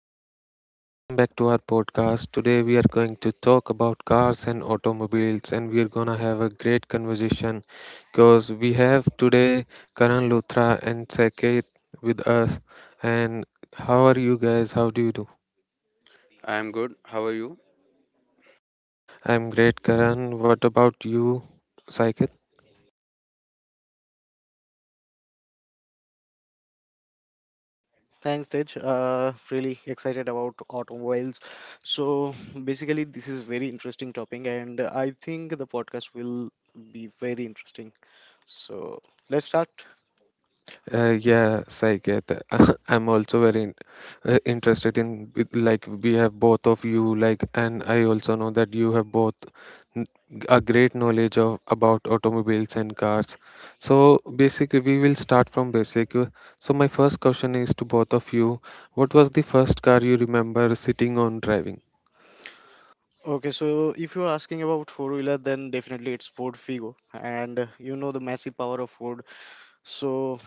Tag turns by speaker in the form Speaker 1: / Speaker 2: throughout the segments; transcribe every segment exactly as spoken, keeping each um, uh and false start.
Speaker 1: everyone, welcome back to our podcast. Today we are going to talk about cars and automobiles, and we are gonna have a great conversation because we have today Karan Luthra and Saket with us. And how are you guys? How do you do?
Speaker 2: I'm good. How are you?
Speaker 1: I'm great, Karan. What about you, Saket?
Speaker 3: Thanks, Tej. Uh, really excited about automobiles. So basically, this is very interesting topic, and I think the podcast will be very interesting. So let's start.
Speaker 1: Uh, yes, I get that. I'm also very in- uh, interested in with- like we have both of you like, and I also know that you have both n- a great knowledge of about automobiles and cars. So basically, we will start from basic. Uh, So my first question is to both of you: what was the first car you remember sitting on driving?
Speaker 3: Okay, so if you're asking about four wheeler, then definitely it's Ford Figo, and uh, you know the massive power of Ford. So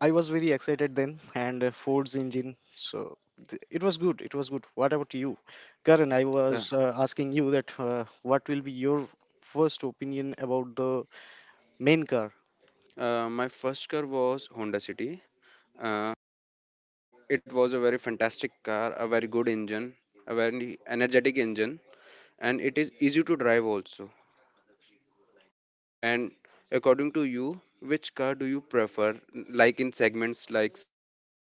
Speaker 3: I was very excited then, and uh, Ford's engine. So th- it was good. It was good. What about you, Karan? I
Speaker 2: Uh,
Speaker 3: was uh, asking you that uh, what will be your first opinion about the main car.
Speaker 2: uh, my first car was Honda City. Uh, it was a very fantastic car, a very good engine, a very energetic engine, and it is easy to drive also. And according to you, which car do you prefer? Like in segments like sedan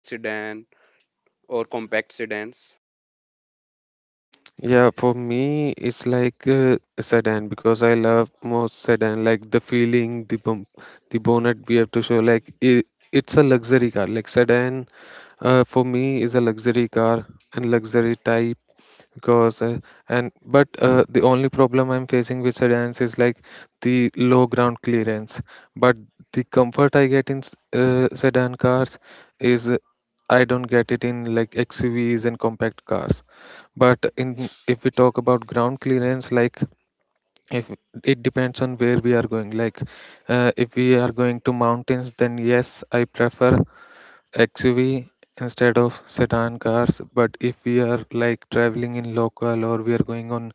Speaker 2: or compact sedans?
Speaker 1: Yeah, for me, it's like uh, sedan because I love most sedan, like the feeling, the bump, the bonnet we have to show. Like it, it's a luxury car. Like sedan, uh, for me, is a luxury car and luxury type because uh, and but uh, the only problem I'm facing with sedans is like the low ground clearance, but the comfort I get in s- uh, sedan cars is uh, I don't get it in like XUVs and compact cars. But in if we talk about ground clearance, like if it depends on where we are going, like uh, if we are going to mountains, then yes, I prefer X U V instead of sedan cars. But if we are like traveling in local or we are going on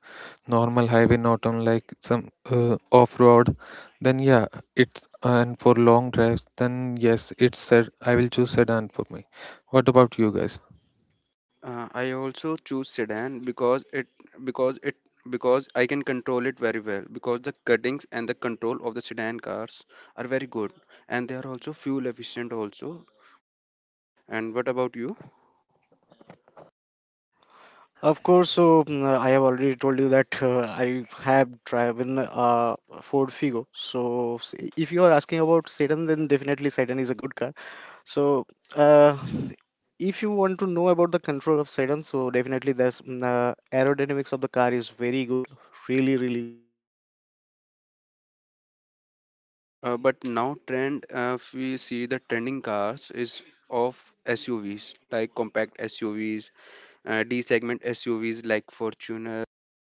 Speaker 1: normal highway, not on like some uh, off road, then yeah, it's and for long drives, then yes, it's said I will choose sedan for me. What about you guys?
Speaker 2: Uh, I also choose sedan because it because it because I can control it very well because the cuttings and the control of the sedan cars are very good, and they are also fuel efficient also. And what about you?
Speaker 3: Of course, so mm, I have already told you that uh, I have driven uh, Ford Figo. So s- if you are asking about sedan, then definitely sedan is a good car. So uh, if you want to know about the control of sedan, so definitely there's mm, uh, aerodynamics of the car is very good, really really good. And uh, after all, the engine engine is.
Speaker 2: Uh, but now trend, uh, if we see, the trending cars is of S U Vs like compact S U Vs, uh, D segment S U Vs like Fortuner,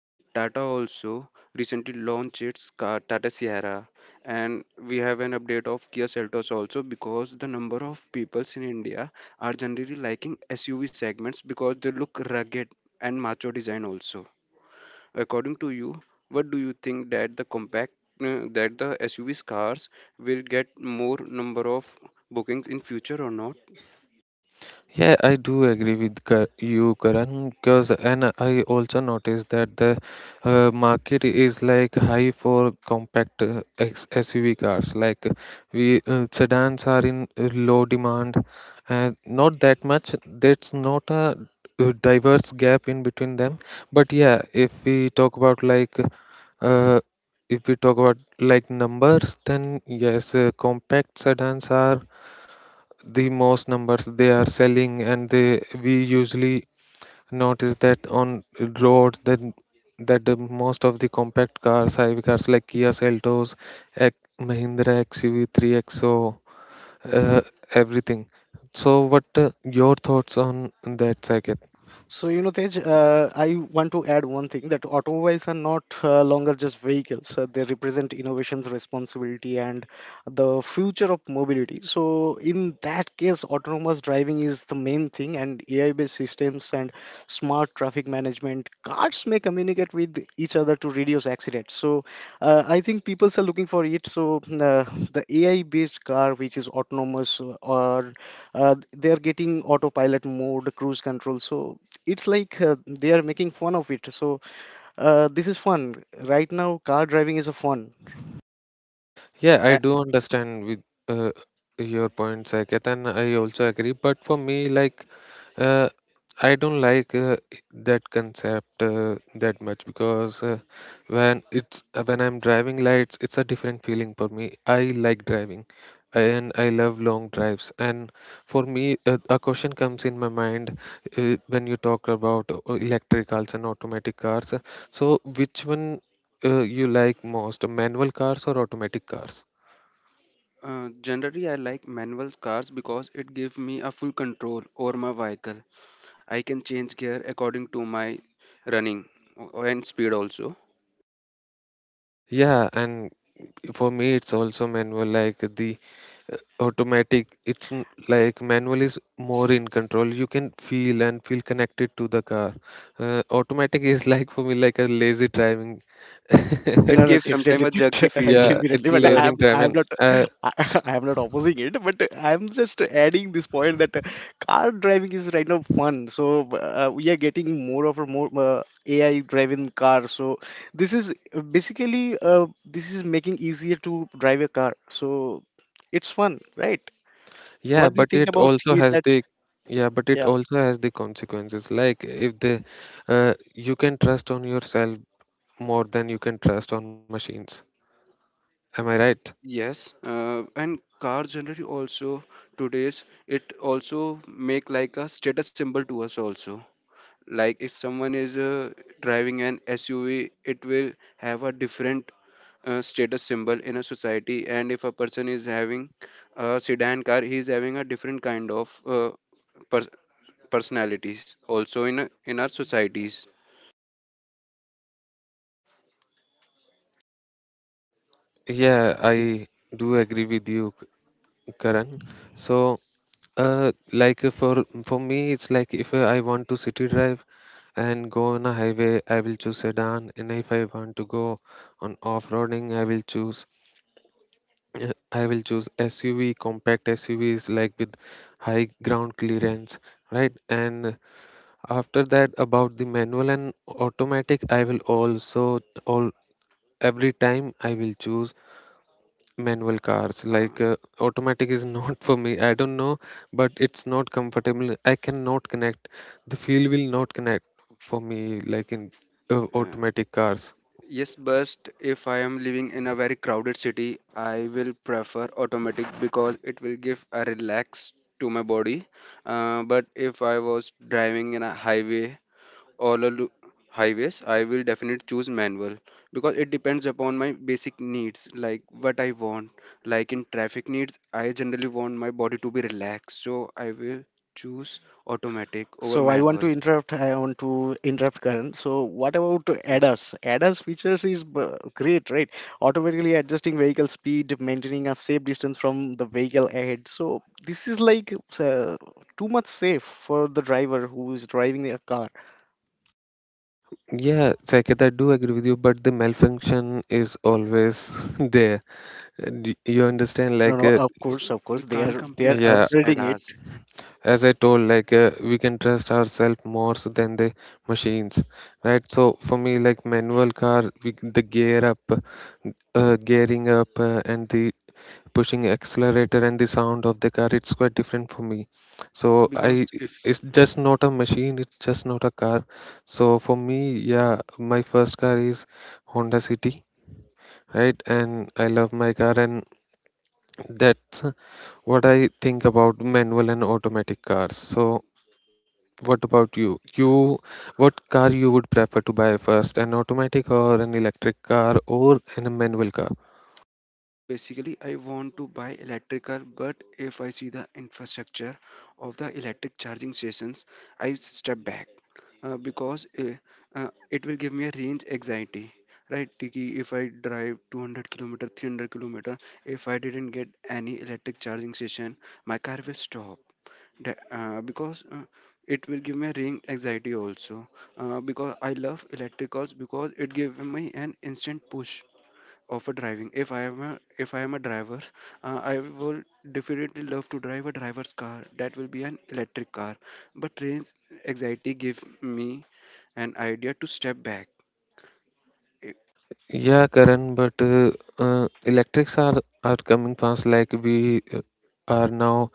Speaker 2: and Tata also recently launched its car Tata Sierra, and we have an update of Kia Seltos also, because the number of peoples in India are generally liking S U V segments because they look rugged and macho design also. According to you, what do you think that the compact, uh, that the S U V cars will get more number of bookings in future or not?
Speaker 1: Yeah, I do agree with Ka- you, Karan, because and I also noticed that the uh, market is like high for compact uh, X- S U V cars. Like uh, we uh, sedans are in uh, low demand, uh, not that much. That's not a uh, diverse gap in between them. But yeah, if we talk about like uh, if we talk about like numbers, then yes, uh, compact sedans are the most numbers they are selling, and they we usually notice that on roads that that the most of the compact cars high cars like Kia Seltos, X, Mahindra X U V three X O, uh, everything. So what uh, your thoughts on that, Saket?
Speaker 3: So, you know, Tej, uh, I want to add one thing that automobiles are not uh, longer just vehicles. Uh, they represent innovations, responsibility, and the future of mobility. So, in that case, autonomous driving is the main thing, and A I based systems and smart traffic management. Cars may communicate with each other to reduce accidents. So, uh, I think people are looking for it. So, uh, the A I based car, which is autonomous, uh, or uh, they are getting autopilot mode, cruise control. So it's like uh, they are making fun of it. So uh, this is fun. Right now, car driving is a fun.
Speaker 1: Yeah, I
Speaker 2: A-
Speaker 1: do understand with uh, your point, Saket, and I also agree. But for me, like, uh, I don't like uh, that concept uh, that much because uh, when it's uh, when I'm driving lights, it's a different feeling for me. I like driving, and I love long drives. And for me, uh, a question comes in my mind uh, when you talk about uh, electric cars and automatic cars. So, which one uh, you like most, manual cars or automatic cars?
Speaker 2: Uh, generally, I like manual cars because it gives me a full control over my vehicle. I can change gear according to my running o- and speed also.
Speaker 1: Yeah, and for me, it's also manual. Like the automatic, it's n- like manual is more in control. You can feel and feel connected to the car. Uh, automatic is like for me like a lazy driving.
Speaker 2: Yes.
Speaker 3: No,
Speaker 2: It
Speaker 3: no,
Speaker 2: gives sometimes
Speaker 3: definitely,
Speaker 2: a jerky feel
Speaker 1: Yeah,
Speaker 3: definitely.
Speaker 1: it's
Speaker 2: to
Speaker 3: But
Speaker 2: us.
Speaker 1: lazy
Speaker 3: I'm, I'm
Speaker 1: driving.
Speaker 3: not,
Speaker 1: Uh,
Speaker 3: I, am not opposing it. But I'm just adding this point that uh, car driving is right now fun. So uh, we are getting more of a more uh, A I driven car. So this is uh, basically, uh, this is making easier to drive a car. So it's fun, right?
Speaker 1: yeah,
Speaker 3: What do you
Speaker 1: but
Speaker 3: think
Speaker 1: it
Speaker 3: about
Speaker 1: also
Speaker 3: it?
Speaker 1: has
Speaker 3: That
Speaker 1: the yeah, but it
Speaker 3: yeah.
Speaker 1: also has the consequences. Like if the uh, you can trust on yourself more than you can trust on machines. Am I right?
Speaker 2: Yes, uh, and car generally also today's it also make like a status symbol to us also. Like if someone is uh, driving an SUV, it will have a different uh, status symbol in a society, and if a person is having a sedan car, he is having a different kind of uh, pers- personalities also in a- in our societies.
Speaker 1: Yeah, I do agree with you, Karan. So, uh, like uh, for for me, it's like if uh, I want to city drive and go on a highway, I will choose sedan, and if I want to go on off-roading, I will choose uh, I will choose S U V, compact S U Vs like with high ground clearance, right? And after that, about the manual and automatic, I will also all every time I will choose manual cars.
Speaker 2: uh,
Speaker 1: Like uh, automatic is not for me. I don't know, but it's not comfortable. I cannot connect. The feel will not connect for me, like in uh,
Speaker 2: uh,
Speaker 1: automatic cars.
Speaker 2: yes, but if I am living in a very crowded city, I will prefer automatic because it will give a relax to my body. Uh, but if I was driving in a highway, all a lo- highways, I will definitely choose manual because it depends upon my basic needs, like what I want. Like in traffic needs, I generally want my body to be relaxed, so I will choose automatic over
Speaker 3: So I want
Speaker 2: manual.
Speaker 3: to interrupt. I want to interrupt Karan. So what about
Speaker 2: Yes.
Speaker 3: A D A S? A D A S features is b- great, right? Automatically adjusting vehicle speed, maintaining a safe distance from the vehicle ahead. So this is like uh, too much safe for the driver who is driving a car.
Speaker 1: Yeah, Saket, I do agree with you, but the malfunction is always there. Uh, d- you understand
Speaker 3: No,
Speaker 1: like
Speaker 3: no.
Speaker 1: uh,
Speaker 3: Of
Speaker 2: Yes,
Speaker 3: course, of
Speaker 2: we
Speaker 3: course, they
Speaker 2: can't
Speaker 3: are they are
Speaker 2: complete
Speaker 1: yeah,
Speaker 2: trust
Speaker 3: upgrading it.
Speaker 2: ADAS.
Speaker 1: as I told, like uh, we can trust ourselves more so than the machines, right? So for me, like manual car we, c- the gear up uh, gearing up, uh, and the pushing accelerator and the sound of the car, it's quite different for me. So
Speaker 2: Yes, because
Speaker 1: I
Speaker 2: if...
Speaker 1: it's just not a machine. It's just not a car. So for me, yeah, my first car is Honda City, right? And I love my car, and that's what I think about manual and automatic cars. So what about you you, what car you would prefer to buy first, an automatic or an electric car or an a manual car?
Speaker 2: Basically, I want to buy electric car, but if I see the infrastructure of the electric charging stations, I step back, uh, because uh, uh, it will give me a range anxiety. Right, Tiki, if I drive two hundred kilometer, three hundred kilometer, if I didn't get any electric charging station, my car will stop. The- uh, because uh, it will give me a range anxiety also. Uh, because I love electric cars because it gives me an instant push of a driving. If i am a if i am a driver, uh, I will definitely love to drive a driver's car that will be an electric car. But trains anxiety give me an idea to step back. I-
Speaker 1: Yeah, Karan, but uh, uh, electrics are are coming fast. Like we uh, are now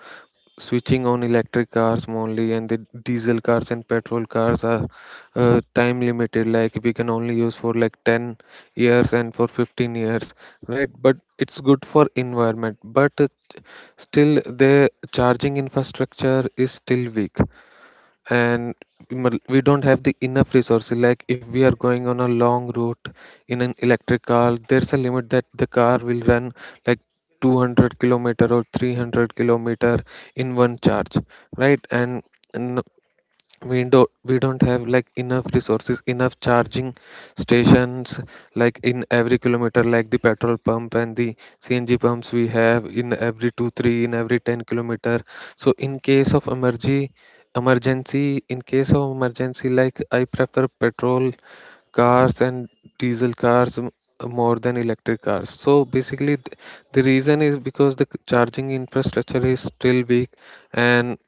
Speaker 1: switching on electric cars only, and the diesel cars and petrol cars are uh, time limited. Like we can only use for like ten years and for fifteen years, right? But it's good for environment. But uh, still, the charging infrastructure is still weak, and we mul- we don't have the enough resources. Like if we are going on a long route in an electric car, there's a limit that the car will run like two hundred kilometer or three hundred kilometer in one charge, right? and, and we don't we don't have like enough resources, enough charging stations, like in every kilometer. Like the petrol pump and the cng pumps we have in every 2 3 in every ten kilometer. So in case of emergency, emergency in case of emergency, like I prefer petrol cars and diesel cars m- more than electric cars. So basically th- the reason is because the c- charging infrastructure is still weak, and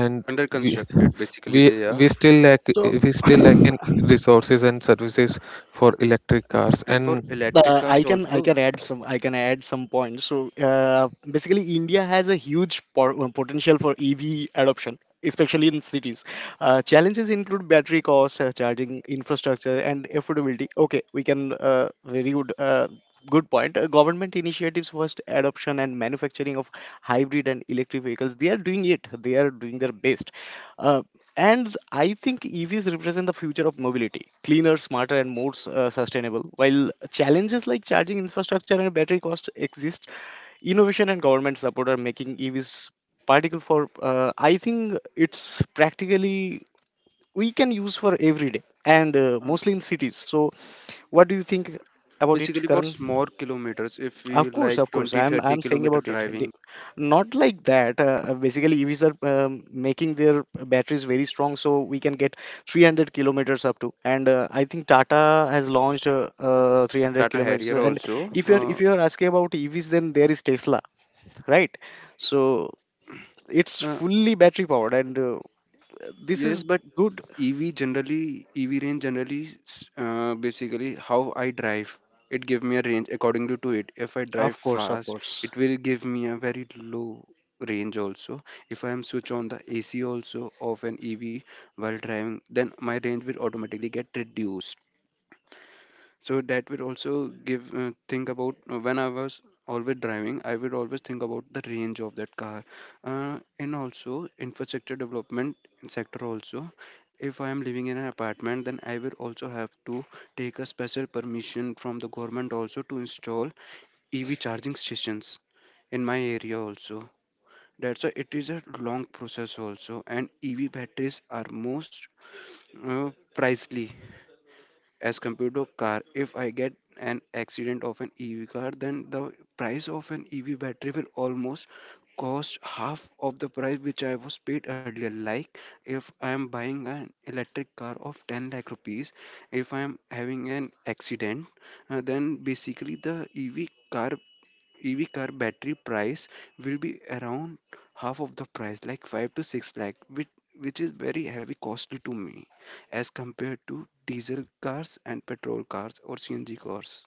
Speaker 1: and
Speaker 2: Under
Speaker 1: we
Speaker 2: constructed, basically
Speaker 1: we
Speaker 2: they are.
Speaker 1: we still lack.
Speaker 3: So
Speaker 1: we still lack in resources and services for electric cars,
Speaker 2: And for
Speaker 1: and
Speaker 2: electric
Speaker 3: Uh,
Speaker 2: cars
Speaker 3: I can I
Speaker 2: also,
Speaker 3: can add some I can add some points. So uh, basically, India has a huge por- uh, potential for E V adoption, especially in cities. Uh, challenges include battery costs, uh, charging infrastructure, and affordability. Okay, we can, uh, very good. Uh, Good point. Uh, government initiatives first adoption and manufacturing of hybrid and electric vehicles. They are doing it. They are doing their best. Uh, and I think E Vs represent the future of mobility, cleaner, smarter, and more s- uh, sustainable. While challenges like charging infrastructure and battery cost exist, innovation and government support are making E Vs particle for. Uh, I think it's practically we can use for every day and uh,
Speaker 2: uh,
Speaker 3: mostly in cities. So, what do you think about it,
Speaker 2: basically for
Speaker 3: Karan?
Speaker 2: small kilometers, if we
Speaker 3: Of course,
Speaker 2: like
Speaker 3: of course.
Speaker 2: twenty
Speaker 3: I'm
Speaker 2: thirty
Speaker 3: I'm saying
Speaker 2: kilometer
Speaker 3: about it.
Speaker 2: driving...
Speaker 3: They-. Not like that. Uh, uh, basically, E Vs are um, making their batteries very strong, so we can get three hundred kilometers up to. And uh, I think Tata has launched, uh, uh, three hundred
Speaker 2: Tata
Speaker 3: kilometers.
Speaker 2: Harrier
Speaker 3: And
Speaker 2: also.
Speaker 3: if you're
Speaker 2: uh,
Speaker 3: if you're asking about E Vs, then there is Tesla, right? So it's
Speaker 2: Uh,
Speaker 3: fully battery powered, and uh, this
Speaker 2: Yes,
Speaker 3: is
Speaker 2: but
Speaker 3: good.
Speaker 2: E V generally, E V range generally, s- uh, basically how I drive, it give me a range accordingly to it. If I drive
Speaker 3: Of course, of
Speaker 2: fast,
Speaker 3: course.
Speaker 2: it will give me a very low range also. If I am switch on the A C also of an E V while driving, then my range will automatically get reduced. So that will also give, uh, think about, uh, when I was always driving, I would always think about the range of that car, uh, and also infrastructure development sector also. If I am living in an apartment, then I will also have to take a special permission from the government also to install E V charging stations in my area also. That's why it is a long process also, and E V batteries are most, uh, pricely as compared to a car. If I get an accident of an E V car, then the price of an E V battery will almost cost half of the price which I was paid earlier. Like if I am buying an electric car of ten lakh rupees, if I am having an accident, uh, then basically the E V car E V car battery price will be around half of the price, like five to six lakh, which, which is very heavy costly to me as compared to diesel cars and petrol cars or C N G cars.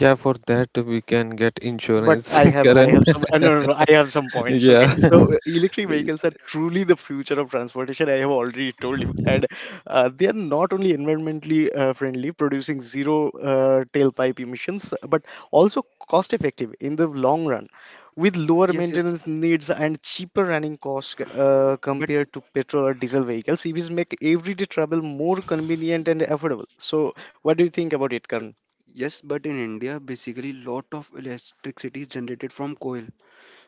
Speaker 1: yeah, for that we can get
Speaker 3: But
Speaker 1: insurance
Speaker 3: I have I
Speaker 1: Karan.
Speaker 3: have some, uh, no, no, no, I have some points. Okay,
Speaker 1: Yeah,
Speaker 3: so uh, electric vehicles are truly the future of transportation. I have already told you, and uh, they are not only environmentally uh, friendly, producing zero uh, tailpipe emissions, but also cost effective in the long run, with lower
Speaker 2: Yes, yes,
Speaker 3: maintenance needs and cheaper running costs uh,
Speaker 2: but
Speaker 3: compared to petrol or diesel vehicles. E Vs make everyday travel more convenient and affordable. So, what do you think
Speaker 2: but
Speaker 3: about it, Karan?
Speaker 2: yes, but in India, basically lot of electricity is generated from coal,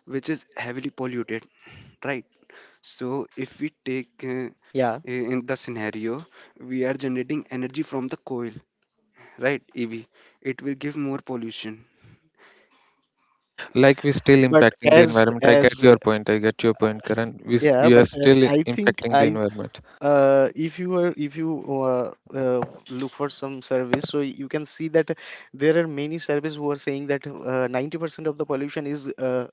Speaker 2: which is heavily polluted, right? So if we take, uh,
Speaker 3: Yeah
Speaker 2: in the scenario, we are generating energy from the coal. Right, E V, it will give more pollution.
Speaker 1: like we still
Speaker 3: but
Speaker 1: impacting the
Speaker 3: as
Speaker 1: environment. i get
Speaker 3: as
Speaker 1: your point I get your point, Karan, we, s-
Speaker 3: Yeah,
Speaker 1: we
Speaker 3: but
Speaker 1: are
Speaker 3: uh,
Speaker 1: still
Speaker 3: I think,
Speaker 1: impacting the
Speaker 3: I
Speaker 1: environment.
Speaker 3: uh, if you are, if you uh, uh, look for some service, so you can see that there are many service who are saying that uh, ninety percent of the pollution is uh,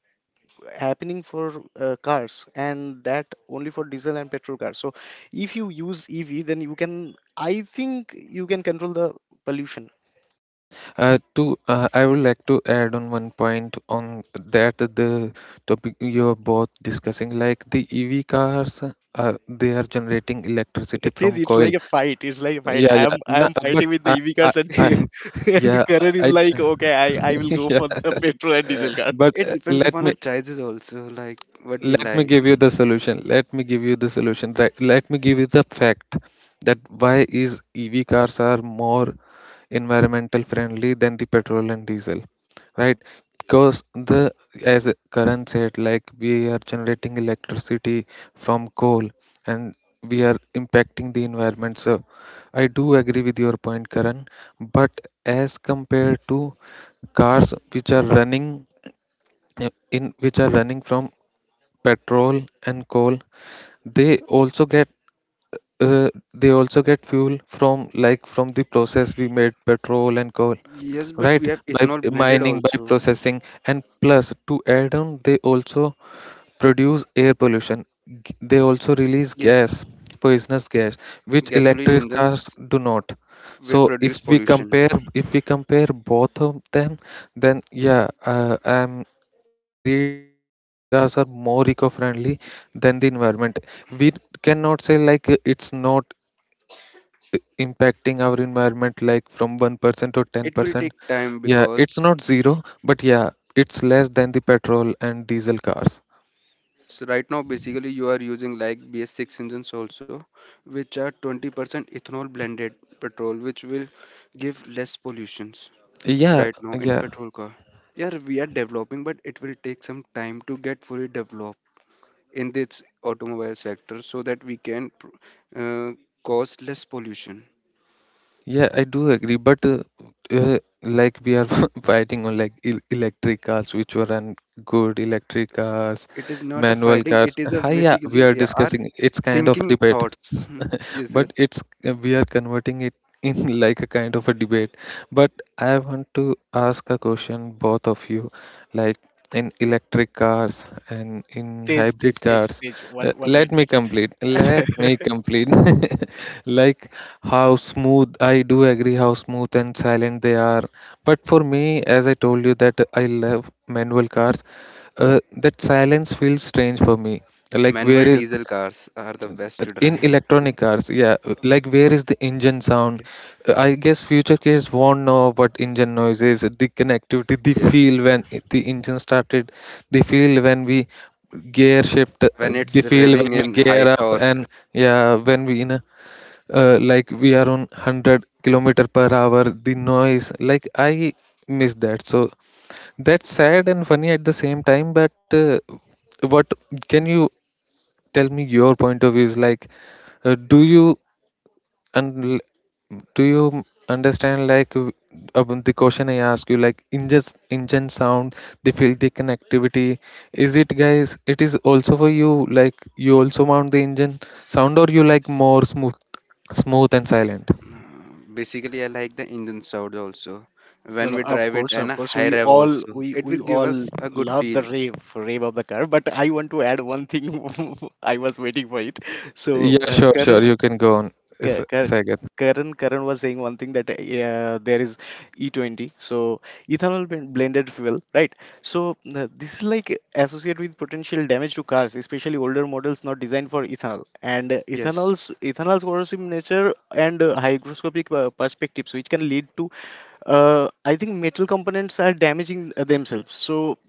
Speaker 3: happening for uh, cars and that only for diesel and petrol cars. So if you use E V, then you can I think you can control the pollution.
Speaker 1: Uh, to uh, I would like to add on one point on that, the topic you're both discussing, like the E V cars, uh, they are generating electricity
Speaker 3: It is,
Speaker 1: from
Speaker 3: it's
Speaker 1: coal.
Speaker 3: like a fight. It's like a fight.
Speaker 1: Yeah,
Speaker 3: I am
Speaker 1: yeah.
Speaker 3: I
Speaker 1: No,
Speaker 3: am
Speaker 1: but
Speaker 3: fighting with the
Speaker 1: I,
Speaker 3: E V
Speaker 1: I,
Speaker 3: cars and
Speaker 1: I,
Speaker 3: the, and
Speaker 1: yeah,
Speaker 3: Karan is
Speaker 1: I, I-
Speaker 3: like, okay, I, I will go
Speaker 1: yeah.
Speaker 3: for the petrol and
Speaker 2: uh,
Speaker 3: diesel.
Speaker 1: But
Speaker 2: it
Speaker 1: uh,
Speaker 2: depends
Speaker 1: let
Speaker 2: upon our
Speaker 1: me
Speaker 2: choices also, like what we
Speaker 1: let me
Speaker 2: like.
Speaker 1: give you the solution. Let me give you the solution right, let me give you the fact that why is EV cars are more environmental friendly than the petrol and diesel, right? Because the as Karan said, like we are generating electricity from coal, and we are impacting the environment. So I do agree with your point, Karan. But as compared to cars which are running uh, in which are running from petrol and coal, they also get uh, they also get fuel from like from the process we made petrol and coal,
Speaker 2: Yes, but we
Speaker 1: right?
Speaker 2: have
Speaker 1: By
Speaker 2: ethanol blended
Speaker 1: mining, by
Speaker 2: also.
Speaker 1: processing, and plus to add on, they also produce air pollution. G- they also release
Speaker 2: Yes,
Speaker 1: gas, poisonous gas, which
Speaker 2: gasoline
Speaker 1: electric
Speaker 2: engines
Speaker 1: cars do not.
Speaker 2: will
Speaker 1: So if
Speaker 2: produce
Speaker 1: we
Speaker 2: pollution.
Speaker 1: compare, if we compare both of them, then yeah, uh, I'm agreed that the E V cars are more eco-friendly than the environment. We cannot say like uh, it's not uh, impacting our environment, like from one percent or
Speaker 2: It will
Speaker 1: ten percent.
Speaker 2: take time
Speaker 1: Yeah,
Speaker 2: because
Speaker 1: it's not zero, but yeah, it's less than the petrol and diesel cars.
Speaker 2: this right now basically you are using like B S six engines also, which are twenty percent ethanol blended petrol, which will give less pollutions.
Speaker 1: Yeah,
Speaker 2: Right now in
Speaker 1: yeah.
Speaker 2: petrol car. Yeah, we are developing, but it will take some time to get fully developed in this automobile sector, so that we can pr- uh, cause less pollution.
Speaker 1: Yeah, I do agree, but uh, uh, like we are fighting on like el- electric cars, which were un good electric cars,
Speaker 2: It is not a
Speaker 1: manual
Speaker 2: fighting, it
Speaker 1: cars.
Speaker 2: is a
Speaker 1: Hi, yeah, we
Speaker 2: basically
Speaker 1: are
Speaker 2: yeah, our
Speaker 1: discussing. It's kind of a
Speaker 2: thinking
Speaker 1: debate,
Speaker 2: thoughts. Yes,
Speaker 1: but
Speaker 2: yes.
Speaker 1: it's uh, we are converting it in like a kind of a debate. But I want to ask a question, both of you, like in electric cars and in
Speaker 3: Stage, stage,
Speaker 1: hybrid
Speaker 3: stage,
Speaker 1: cars.
Speaker 3: stage.
Speaker 1: Uh,
Speaker 3: One, one
Speaker 1: let
Speaker 3: minute.
Speaker 1: me complete. Let
Speaker 3: Stage.
Speaker 1: me complete. Like how smooth, I do agree how smooth and silent they are. But for me, as I told you, that I love manual cars, uh, that silence feels strange for me. Like,
Speaker 2: Manual
Speaker 1: where is
Speaker 2: diesel cars are the best to
Speaker 1: in
Speaker 2: drive.
Speaker 1: electronic cars? Yeah, like where
Speaker 2: Okay,
Speaker 1: is the engine sound?
Speaker 2: okay.
Speaker 1: Uh, I guess future kids won't know what engine noise is, the connectivity, the
Speaker 2: Yes.
Speaker 1: feel when it- the engine started, the feel when we gear shift, uh,
Speaker 2: When
Speaker 1: the
Speaker 2: it's
Speaker 1: feel when
Speaker 2: revving
Speaker 1: we
Speaker 2: in
Speaker 1: gear
Speaker 2: height
Speaker 1: up,
Speaker 2: or...
Speaker 1: and yeah, when we in a uh, like we are on one hundred kilometer per hour, the noise, like I miss that. So that's sad and funny at the same time. But uh, what can you tell me your point of views, like uh, do you and do you understand like w- upon the question I ask you, like engine engine sound, the field, the connectivity, is it guys, it is also for you, like you also mount the engine sound or you like more smooth smooth and silent?
Speaker 2: Uh, Basically, I like the engine sound also.
Speaker 3: No,
Speaker 2: When
Speaker 3: no,
Speaker 2: we
Speaker 3: of
Speaker 2: drive it
Speaker 3: course,
Speaker 2: and
Speaker 3: of
Speaker 2: a
Speaker 3: course.
Speaker 2: high
Speaker 3: We
Speaker 2: rev
Speaker 3: all
Speaker 2: also,
Speaker 3: we
Speaker 2: it will
Speaker 3: we
Speaker 2: give
Speaker 3: all
Speaker 2: us a good
Speaker 3: love the
Speaker 2: feel.
Speaker 3: rave, rave of the car. But I want to add one thing. I was waiting for it. So,
Speaker 1: Yeah,
Speaker 3: uh,
Speaker 1: sure,
Speaker 3: Karan,
Speaker 1: sure, you can go on is
Speaker 3: Ka- Ka-
Speaker 1: Sagar.
Speaker 3: Karan, Karan was saying one thing that uh, there is E twenty, so ethanol blend- blended fuel, right? So uh, this is like associated with potential damage to cars, especially older models not designed for ethanol. And uh,
Speaker 2: Yes,
Speaker 3: ethanol's ethanol's corrosive nature and uh, hygroscopic uh, perspectives, which can lead to, uh, I think metal components are damaging uh, themselves. So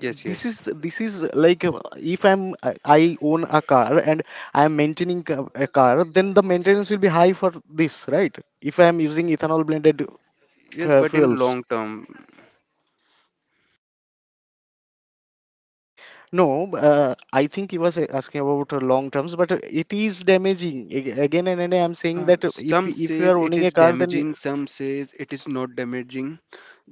Speaker 2: yes,
Speaker 3: this
Speaker 2: yes,
Speaker 3: is this is like, uh, if i'm i I own a car and I am maintaining ca- a car, then the maintenance will be high for this, right? If I am using ethanol blended
Speaker 2: yes.
Speaker 3: f-
Speaker 2: But in
Speaker 3: fuels,
Speaker 2: long term,
Speaker 3: no, uh, I think he was uh, asking about uh, long terms, but uh, it is damaging. Ag- again and again, I'm saying
Speaker 2: uh,
Speaker 3: that uh, if
Speaker 2: some
Speaker 3: if you
Speaker 2: says
Speaker 3: are
Speaker 2: it
Speaker 3: owning a
Speaker 2: is
Speaker 3: car, then it-.
Speaker 2: damaging, some says it is not damaging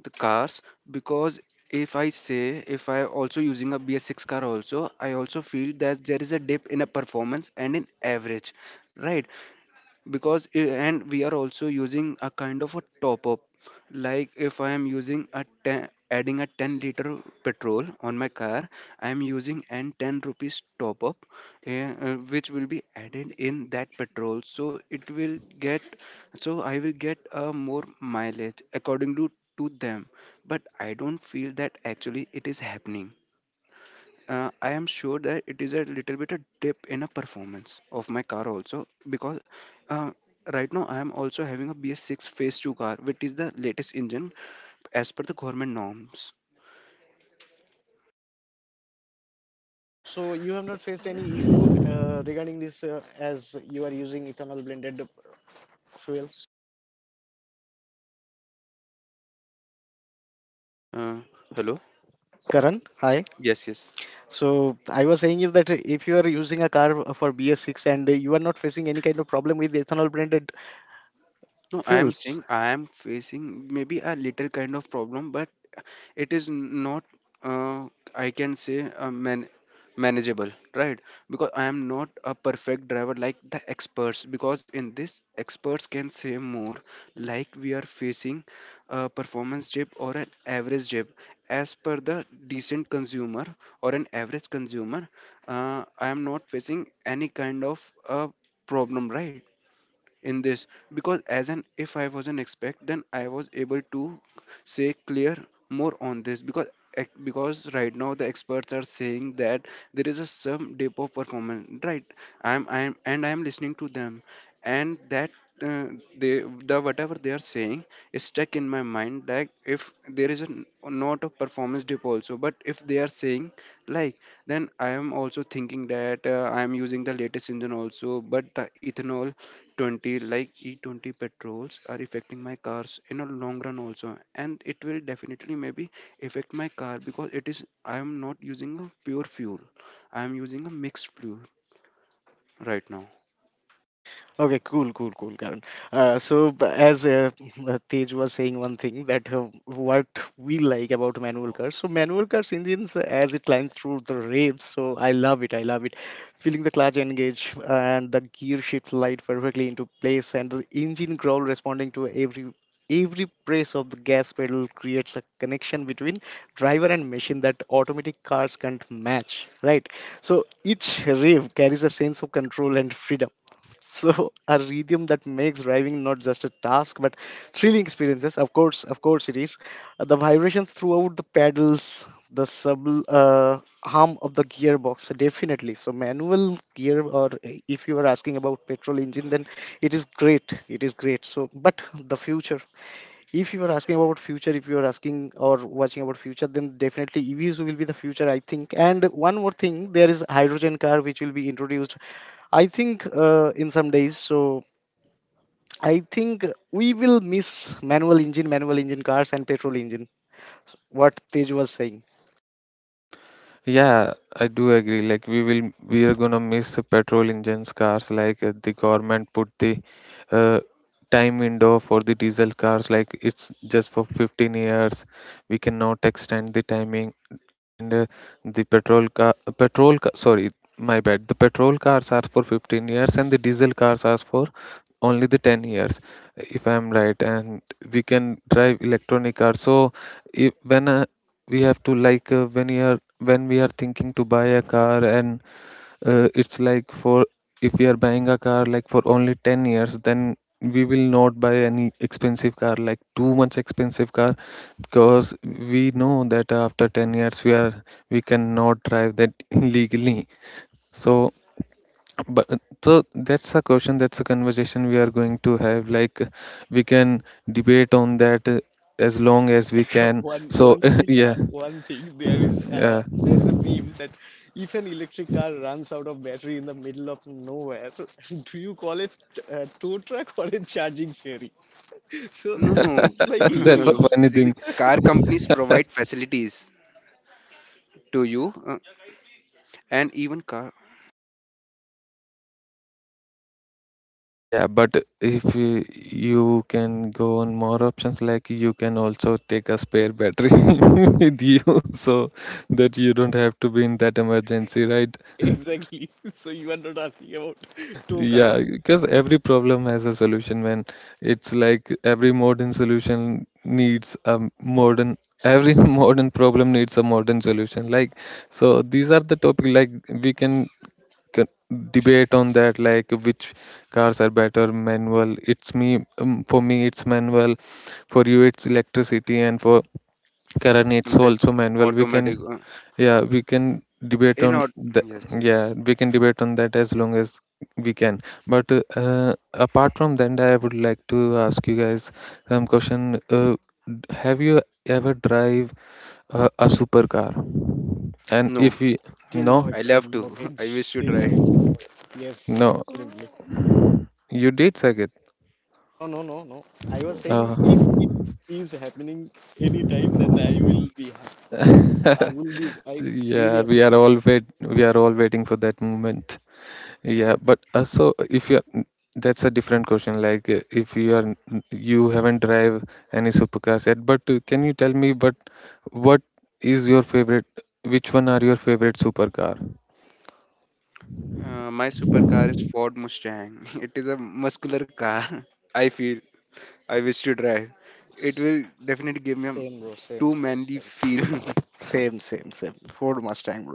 Speaker 2: the cars. Because if I say if I also using a B S six car also, I also feel that there is a dip in a performance and in average, right? Because i- and we are also using a kind of a top up. Like if I am using a ten, adding a ten liter petrol on my car, I am using an ten rupees top up, uh, uh, which will be added in that petrol, so it will get, so I will get a more mileage according to to them. But I don't feel that actually it is happening. uh, I am sure that it is a little bit a dip in a performance of my car also because, uh, right now I am also having a B S six Phase two car, which is the latest engine as per the government norms.
Speaker 3: So you have not faced any issue uh, regarding this, uh, as you are using ethanol blended fuels,
Speaker 2: Uh, Hello?
Speaker 3: Karan. Hi.
Speaker 2: Yes, yes.
Speaker 3: So I was saying, if that, if you are using a car for B S six and you are not facing any kind of problem with ethanol blended
Speaker 2: No, I am
Speaker 3: fuels.
Speaker 2: saying I am facing maybe a little kind of problem, but it is n- not, uh, I can say, uh, man manageable, right? Because I am not a perfect driver like the experts, because in this, experts can say more, like we are facing a performance dip or an average dip. As per the decent consumer or an average consumer, uh, I am not facing any kind of uh, problem, right? In this, because as an if I was an expect, then I was able to say clear more on this. Because ex- because right now the experts are saying that there is a some dip of performance, right? I'm i'm and I'm listening to them, and that, uh, they, the whatever they are saying is stuck in my mind, like if there is a n- not a performance dip also, but if they are saying like, then I am also thinking that, uh, I am using the latest engine also, but the ethanol E twenty, like E twenty petrols, are affecting my cars in a long run also, and it will definitely maybe affect my car because it is, I am not using a pure fuel, I am using a mixed fuel right now.
Speaker 3: Okay, cool, cool, cool, Karan. Uh, so, b- as uh, uh, Tej was saying, one thing that uh, what we like about manual cars. So, manual cars engines, uh, as it climbs through the ribs. So, I love it. I love it. Feeling the clutch engage and the gear shifts light perfectly into place, and the engine growl responding to every every press of the gas pedal creates a connection between driver and machine that automatic cars can't match, right? So each rev carries a sense of control and freedom, so a rhythm that makes driving not just a task but thrilling experiences. Of course, of course, it is. Uh, the vibrations throughout the pedals, the sub, uh, hum of the gearbox, definitely. So manual gear, or uh, if you are asking about petrol engine, then it is great. It is great. So, but the future, if you are asking about future, if you are asking or watching about future, then definitely EVs will be the future, I think. And one more thing, there is hydrogen car which will be introduced, I think, uh, in some days. So I think we will miss manual engine manual engine cars and petrol engine, what Tej was saying.
Speaker 1: Yeah, I do agree. Like we will, we are gonna miss the petrol engines cars. Like uh, the government put the uh, time window for the diesel cars. Like it's just for fifteen years. We cannot extend the timing. And uh, the petrol car, petrol ca- sorry, my bad. The petrol cars are for fifteen years, and the diesel cars are for only the ten years if I'm right, and we can drive electronic cars. So if, when uh, we have to like uh, when you are when we are thinking to buy a car, and uh, it's like for if we are buying a car like for only ten years, then we will not buy any expensive car, like too much expensive car, because we know that after ten years we are we cannot drive that legally. So but so that's a question that's a conversation we are going to have, like we can debate on that uh, as long as we can.
Speaker 3: one
Speaker 1: So
Speaker 3: one thing uh,
Speaker 1: yeah
Speaker 3: one thing there is uh,
Speaker 1: yeah
Speaker 3: there is a meme that if an electric car runs out of battery in the middle of nowhere, do you call it a tow truck or a charging ferry? So
Speaker 2: No,
Speaker 3: this
Speaker 2: no.
Speaker 3: is like
Speaker 1: That's a
Speaker 3: hilarious.
Speaker 1: funny
Speaker 2: Basically,
Speaker 1: thing.
Speaker 2: car companies provide facilities to you, uh, and even car...
Speaker 1: Yeah, but if you, you can go on more options, like you can also take a spare battery with you, so that you don't have to be in that emergency, right?
Speaker 3: Exactly. So you are not asking about two
Speaker 1: Yeah,
Speaker 3: cars.
Speaker 1: because every problem has a solution, man. It's like every modern solution needs a modern every modern problem needs a modern solution. Like so these are the topic, like we can c- debate on that, like which cars are better. Manual it's me um, For me it's manual, for you it's electricity, and for Karan it's also
Speaker 2: sometimes
Speaker 1: manual. We can
Speaker 2: automatic, uh,
Speaker 1: Yeah,
Speaker 2: uh,
Speaker 1: we can debate
Speaker 2: in
Speaker 1: on
Speaker 2: or...
Speaker 1: the
Speaker 2: Yes. Yes.
Speaker 1: yeah, we can debate on that as long as we can. But uh, apart from that, I would like to ask you guys some question. Uh, d- have you ever drive uh, a supercar? And
Speaker 2: No,
Speaker 1: if we
Speaker 3: Till now
Speaker 1: no,
Speaker 2: I
Speaker 3: it's a
Speaker 2: love to. I
Speaker 3: mortgage.
Speaker 2: wish to
Speaker 3: Till now
Speaker 2: drive.
Speaker 3: it's. Yes,
Speaker 1: no,
Speaker 3: absolutely.
Speaker 1: you did, Saket?
Speaker 3: No, no, no, no. I was saying if
Speaker 1: Uh,
Speaker 3: it is happening anytime, then I will be happy. I will be. I really
Speaker 1: yeah, we are
Speaker 3: appreciate.
Speaker 1: all wait, we are all waiting for that moment. Yeah, but uh, so if you are, that's a different question. Like uh, if you are, you haven't drive any supercars yet, but uh, can you tell me, but what is your favorite? Which one are your favorite supercar?
Speaker 2: Uh, my supercar is Ford Mustang. It is a muscular car. I feel I wish to drive. It
Speaker 3: This.
Speaker 2: will definitely give me a
Speaker 3: Same, bro. Same,
Speaker 2: too
Speaker 3: same,
Speaker 2: manly
Speaker 3: same.
Speaker 2: feel.
Speaker 3: Same, same, same. Ford Mustang, bro.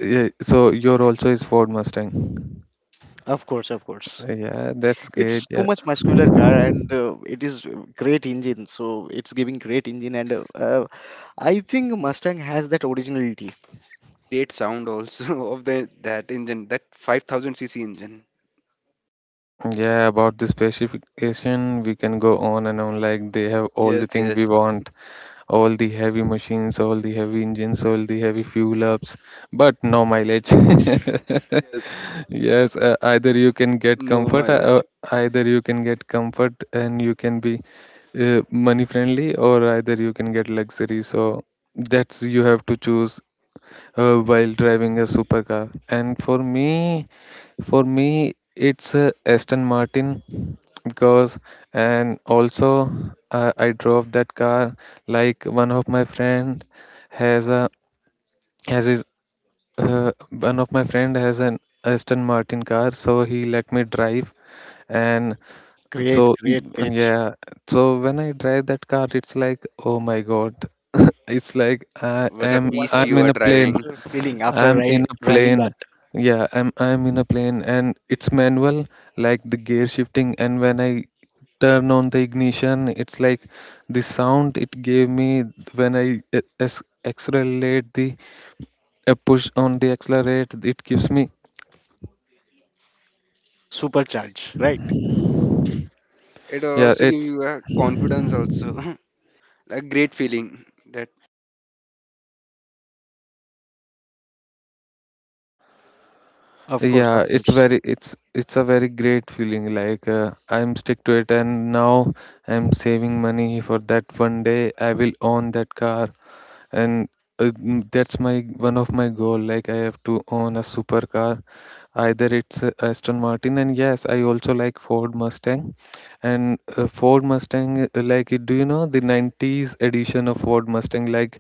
Speaker 1: Yeah, so your also is Ford Mustang.
Speaker 3: Of course, of course.
Speaker 1: Yeah, that's great.
Speaker 3: It's too
Speaker 1: Yeah.
Speaker 3: much muscular car and uh, it is uh, great engine. So it's giving great engine and uh, uh, I think Mustang has that originality.
Speaker 2: Great sound also of the that engine, that five thousand c c engine.
Speaker 1: Yeah, about the specification, we can go on and on. Like they have all the
Speaker 2: Yes,
Speaker 1: things we
Speaker 2: yes,
Speaker 1: want. All the heavy machines, all the heavy engines, all the heavy fuel ups, but no mileage.
Speaker 2: yes.
Speaker 1: Yes, uh, either you can get
Speaker 2: No
Speaker 1: comfort, uh,
Speaker 2: mileage.
Speaker 1: uh, either you can get comfort and you can be uh, money friendly, or either you can get luxury. So that's you have to choose uh, while driving a supercar. And for me, for me, it's uh, Aston Martin because, and also uh, I drove that car. Like one of my friend has a has his uh, one of my friend has an Aston Martin car, so he let me drive. And
Speaker 3: Great,
Speaker 1: so
Speaker 3: great
Speaker 1: mm,
Speaker 3: Tej.
Speaker 1: yeah, so when I drive that car, it's like, oh my God, it's like i
Speaker 2: What a
Speaker 3: So
Speaker 1: am
Speaker 3: what
Speaker 2: beast
Speaker 3: was
Speaker 1: I'm
Speaker 2: you
Speaker 1: in
Speaker 3: your
Speaker 2: are
Speaker 1: a
Speaker 3: what
Speaker 1: plane.
Speaker 3: was
Speaker 2: driving.
Speaker 3: your feeling after
Speaker 1: I'm
Speaker 3: ri-
Speaker 1: in a
Speaker 3: driving
Speaker 1: plane.
Speaker 3: that
Speaker 1: Yeah, I'm I'm in a plane, and it's manual, like the gear shifting. And when I turn on the ignition, it's like the sound it gave me. When I uh, as- accelerate the uh, push on the accelerate, it gives me
Speaker 3: supercharge, right?
Speaker 2: It will
Speaker 1: yeah
Speaker 2: also give
Speaker 1: it's
Speaker 2: you a confidence also, a great feeling. That
Speaker 3: Of course, of
Speaker 1: yeah, it's
Speaker 3: course.
Speaker 1: very it's it's a very great feeling, like uh, I'm stick to it. And now I'm saving money for that, one day I will own that car. And uh, mm, that's my one of my goal, like I have to own a supercar, either it's uh, Aston Martin. And yes, I also like Ford Mustang. And uh, ford mustang uh, like uh, do you know the nineties edition of Ford Mustang? Like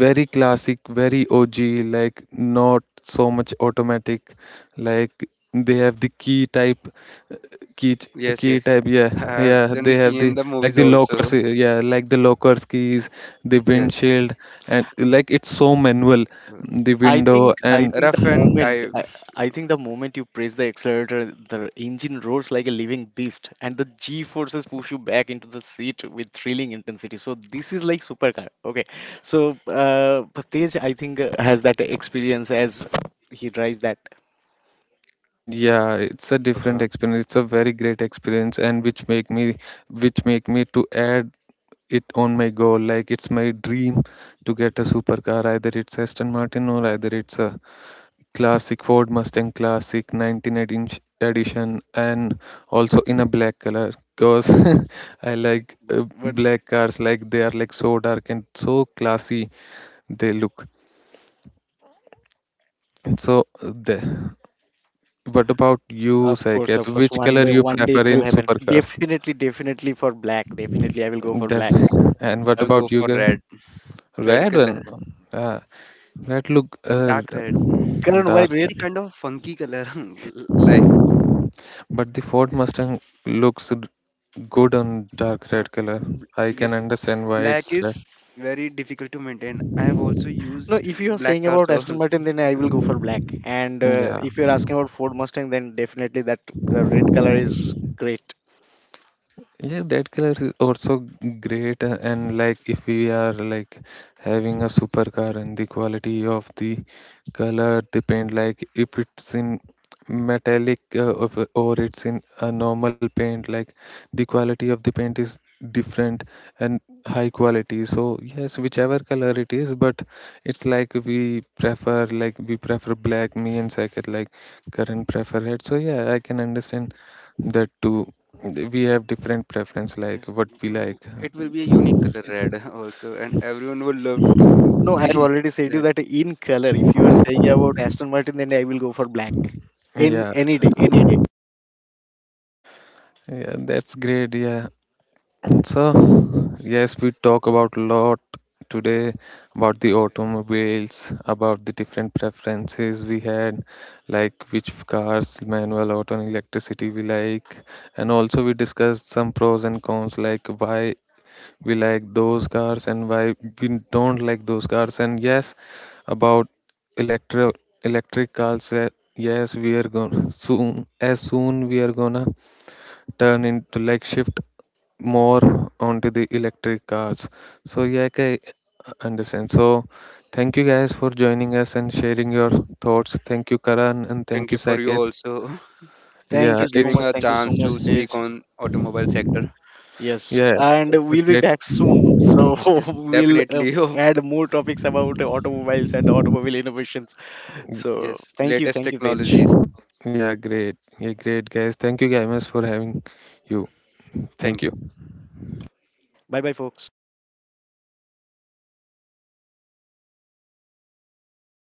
Speaker 1: very classic, very O G, like not so much automatic. Like they have the key type, key ch-
Speaker 2: yes,
Speaker 1: key
Speaker 2: yes.
Speaker 1: type. Yeah,
Speaker 2: I've
Speaker 1: yeah. They
Speaker 2: generally
Speaker 1: have the
Speaker 2: seen the
Speaker 1: like
Speaker 2: movies
Speaker 1: the
Speaker 2: also.
Speaker 1: lockers. uh, Yeah, like the lockers keys, the
Speaker 2: Yes,
Speaker 1: windshield, and like it's so manual. The
Speaker 3: I
Speaker 1: window
Speaker 3: think I
Speaker 1: and
Speaker 3: think the
Speaker 2: rough and
Speaker 3: moment
Speaker 2: type.
Speaker 3: I, I think the moment you press the accelerator, the engine roars like a living beast, and the G forces push you back into the seat with thrilling intensity. So this is like supercar. Okay, so uh, Tej, I think, uh, has that experience as he drives that.
Speaker 1: yeah, it's a different experience. It's a very great experience, and which make me which make me to add it on my goal, like it's my dream to get a supercar, either it's Aston Martin or either it's a classic Ford Mustang, classic nineteen eighteen sh- edition. And also in a black color, because I like uh,
Speaker 2: But
Speaker 1: black cars, like they are like so dark and so classy. They look so uh, the what about you,
Speaker 3: Of course,
Speaker 1: Saket?
Speaker 3: of course.
Speaker 1: Which
Speaker 3: One
Speaker 1: color
Speaker 3: day,
Speaker 1: you
Speaker 3: one day
Speaker 1: prefer
Speaker 3: it will
Speaker 1: in
Speaker 3: happen.
Speaker 1: supercars?
Speaker 3: Definitely, definitely for black. Definitely, I will go for black.
Speaker 1: Definitely. And what
Speaker 2: I would go
Speaker 1: about you,
Speaker 2: for
Speaker 1: Greg?
Speaker 2: red, red
Speaker 1: Red one.
Speaker 2: color,
Speaker 1: Ah, that look uh,
Speaker 2: dark red.
Speaker 3: Karan, why
Speaker 1: dark,
Speaker 2: It
Speaker 3: red?
Speaker 2: is kind of funky color, like,
Speaker 1: but the Ford Mustang looks good on dark
Speaker 2: uh,
Speaker 1: red color.
Speaker 2: bl-
Speaker 1: I can
Speaker 2: yes,
Speaker 1: understand why
Speaker 2: black
Speaker 1: it's
Speaker 2: is
Speaker 1: red.
Speaker 2: very difficult to maintain. I have also
Speaker 3: No,
Speaker 2: used
Speaker 3: if you are
Speaker 2: black
Speaker 3: saying
Speaker 2: cars
Speaker 3: about
Speaker 2: also.
Speaker 3: Aston Martin, then I will go for black. And uh,
Speaker 1: Yeah.
Speaker 3: if you're asking about Ford Mustang, then definitely that uh, red color is great.
Speaker 1: Yeah, that color is also great, uh, and like if we are like having a supercar and the quality of the color, the paint, like if it's in metallic uh, of or it's in a normal paint, like the quality of the paint is different and high quality. So yes, whichever color it is, but it's like we prefer like we prefer black. Me and Saket like current prefer red. So yeah, I can understand that too. Th- we have different preference,
Speaker 2: Yes,
Speaker 1: like what we
Speaker 2: because
Speaker 1: like
Speaker 2: it
Speaker 1: uh,
Speaker 2: will be a unique color
Speaker 1: it's
Speaker 2: red also, and everyone would love to
Speaker 3: No, I've
Speaker 2: see
Speaker 3: already said you
Speaker 2: that.
Speaker 3: that in color. If you are saying about Aston Martin, then I will go for black. In
Speaker 1: yeah.
Speaker 3: any day, any day.
Speaker 1: yeah that's great. Yeah. So yes, we talk about a lot today about the automobiles, about the different preferences we had, like which cars, manual, auto, and electricity we like. And also we discussed some pros and cons, like why we like those cars and why we don't like those cars. And yes, about electro electric cars, uh, yes, we are going soon, as soon we are gonna turn into like shift more onto the electric cars. So yeah, okay, I understand. So thank you guys for joining us and sharing your thoughts. Thank you, Karan, and thank
Speaker 2: Thank
Speaker 1: you,
Speaker 2: you for you
Speaker 1: Saket.
Speaker 2: also
Speaker 3: Thank
Speaker 1: yeah
Speaker 3: you
Speaker 2: to
Speaker 3: so
Speaker 1: it's
Speaker 2: giving
Speaker 3: much.
Speaker 2: a
Speaker 3: Thank you so
Speaker 2: chance
Speaker 3: much,
Speaker 2: to
Speaker 3: Tej.
Speaker 2: speak on automobile sector.
Speaker 3: Yes,
Speaker 1: yeah
Speaker 3: and
Speaker 1: it's a
Speaker 3: we'll be
Speaker 1: great
Speaker 3: back soon. So
Speaker 2: Yes,
Speaker 3: we'll uh,
Speaker 2: definitely. Oh,
Speaker 3: add more topics about automobiles and automobile innovations. So
Speaker 2: yes,
Speaker 3: thank you,
Speaker 2: latest
Speaker 3: thank you, Tej.
Speaker 2: technologies.
Speaker 1: yeah great yeah, great, guys. Thank you guys for having you. Thank
Speaker 2: Thank you.
Speaker 1: you.
Speaker 3: Bye, bye, folks.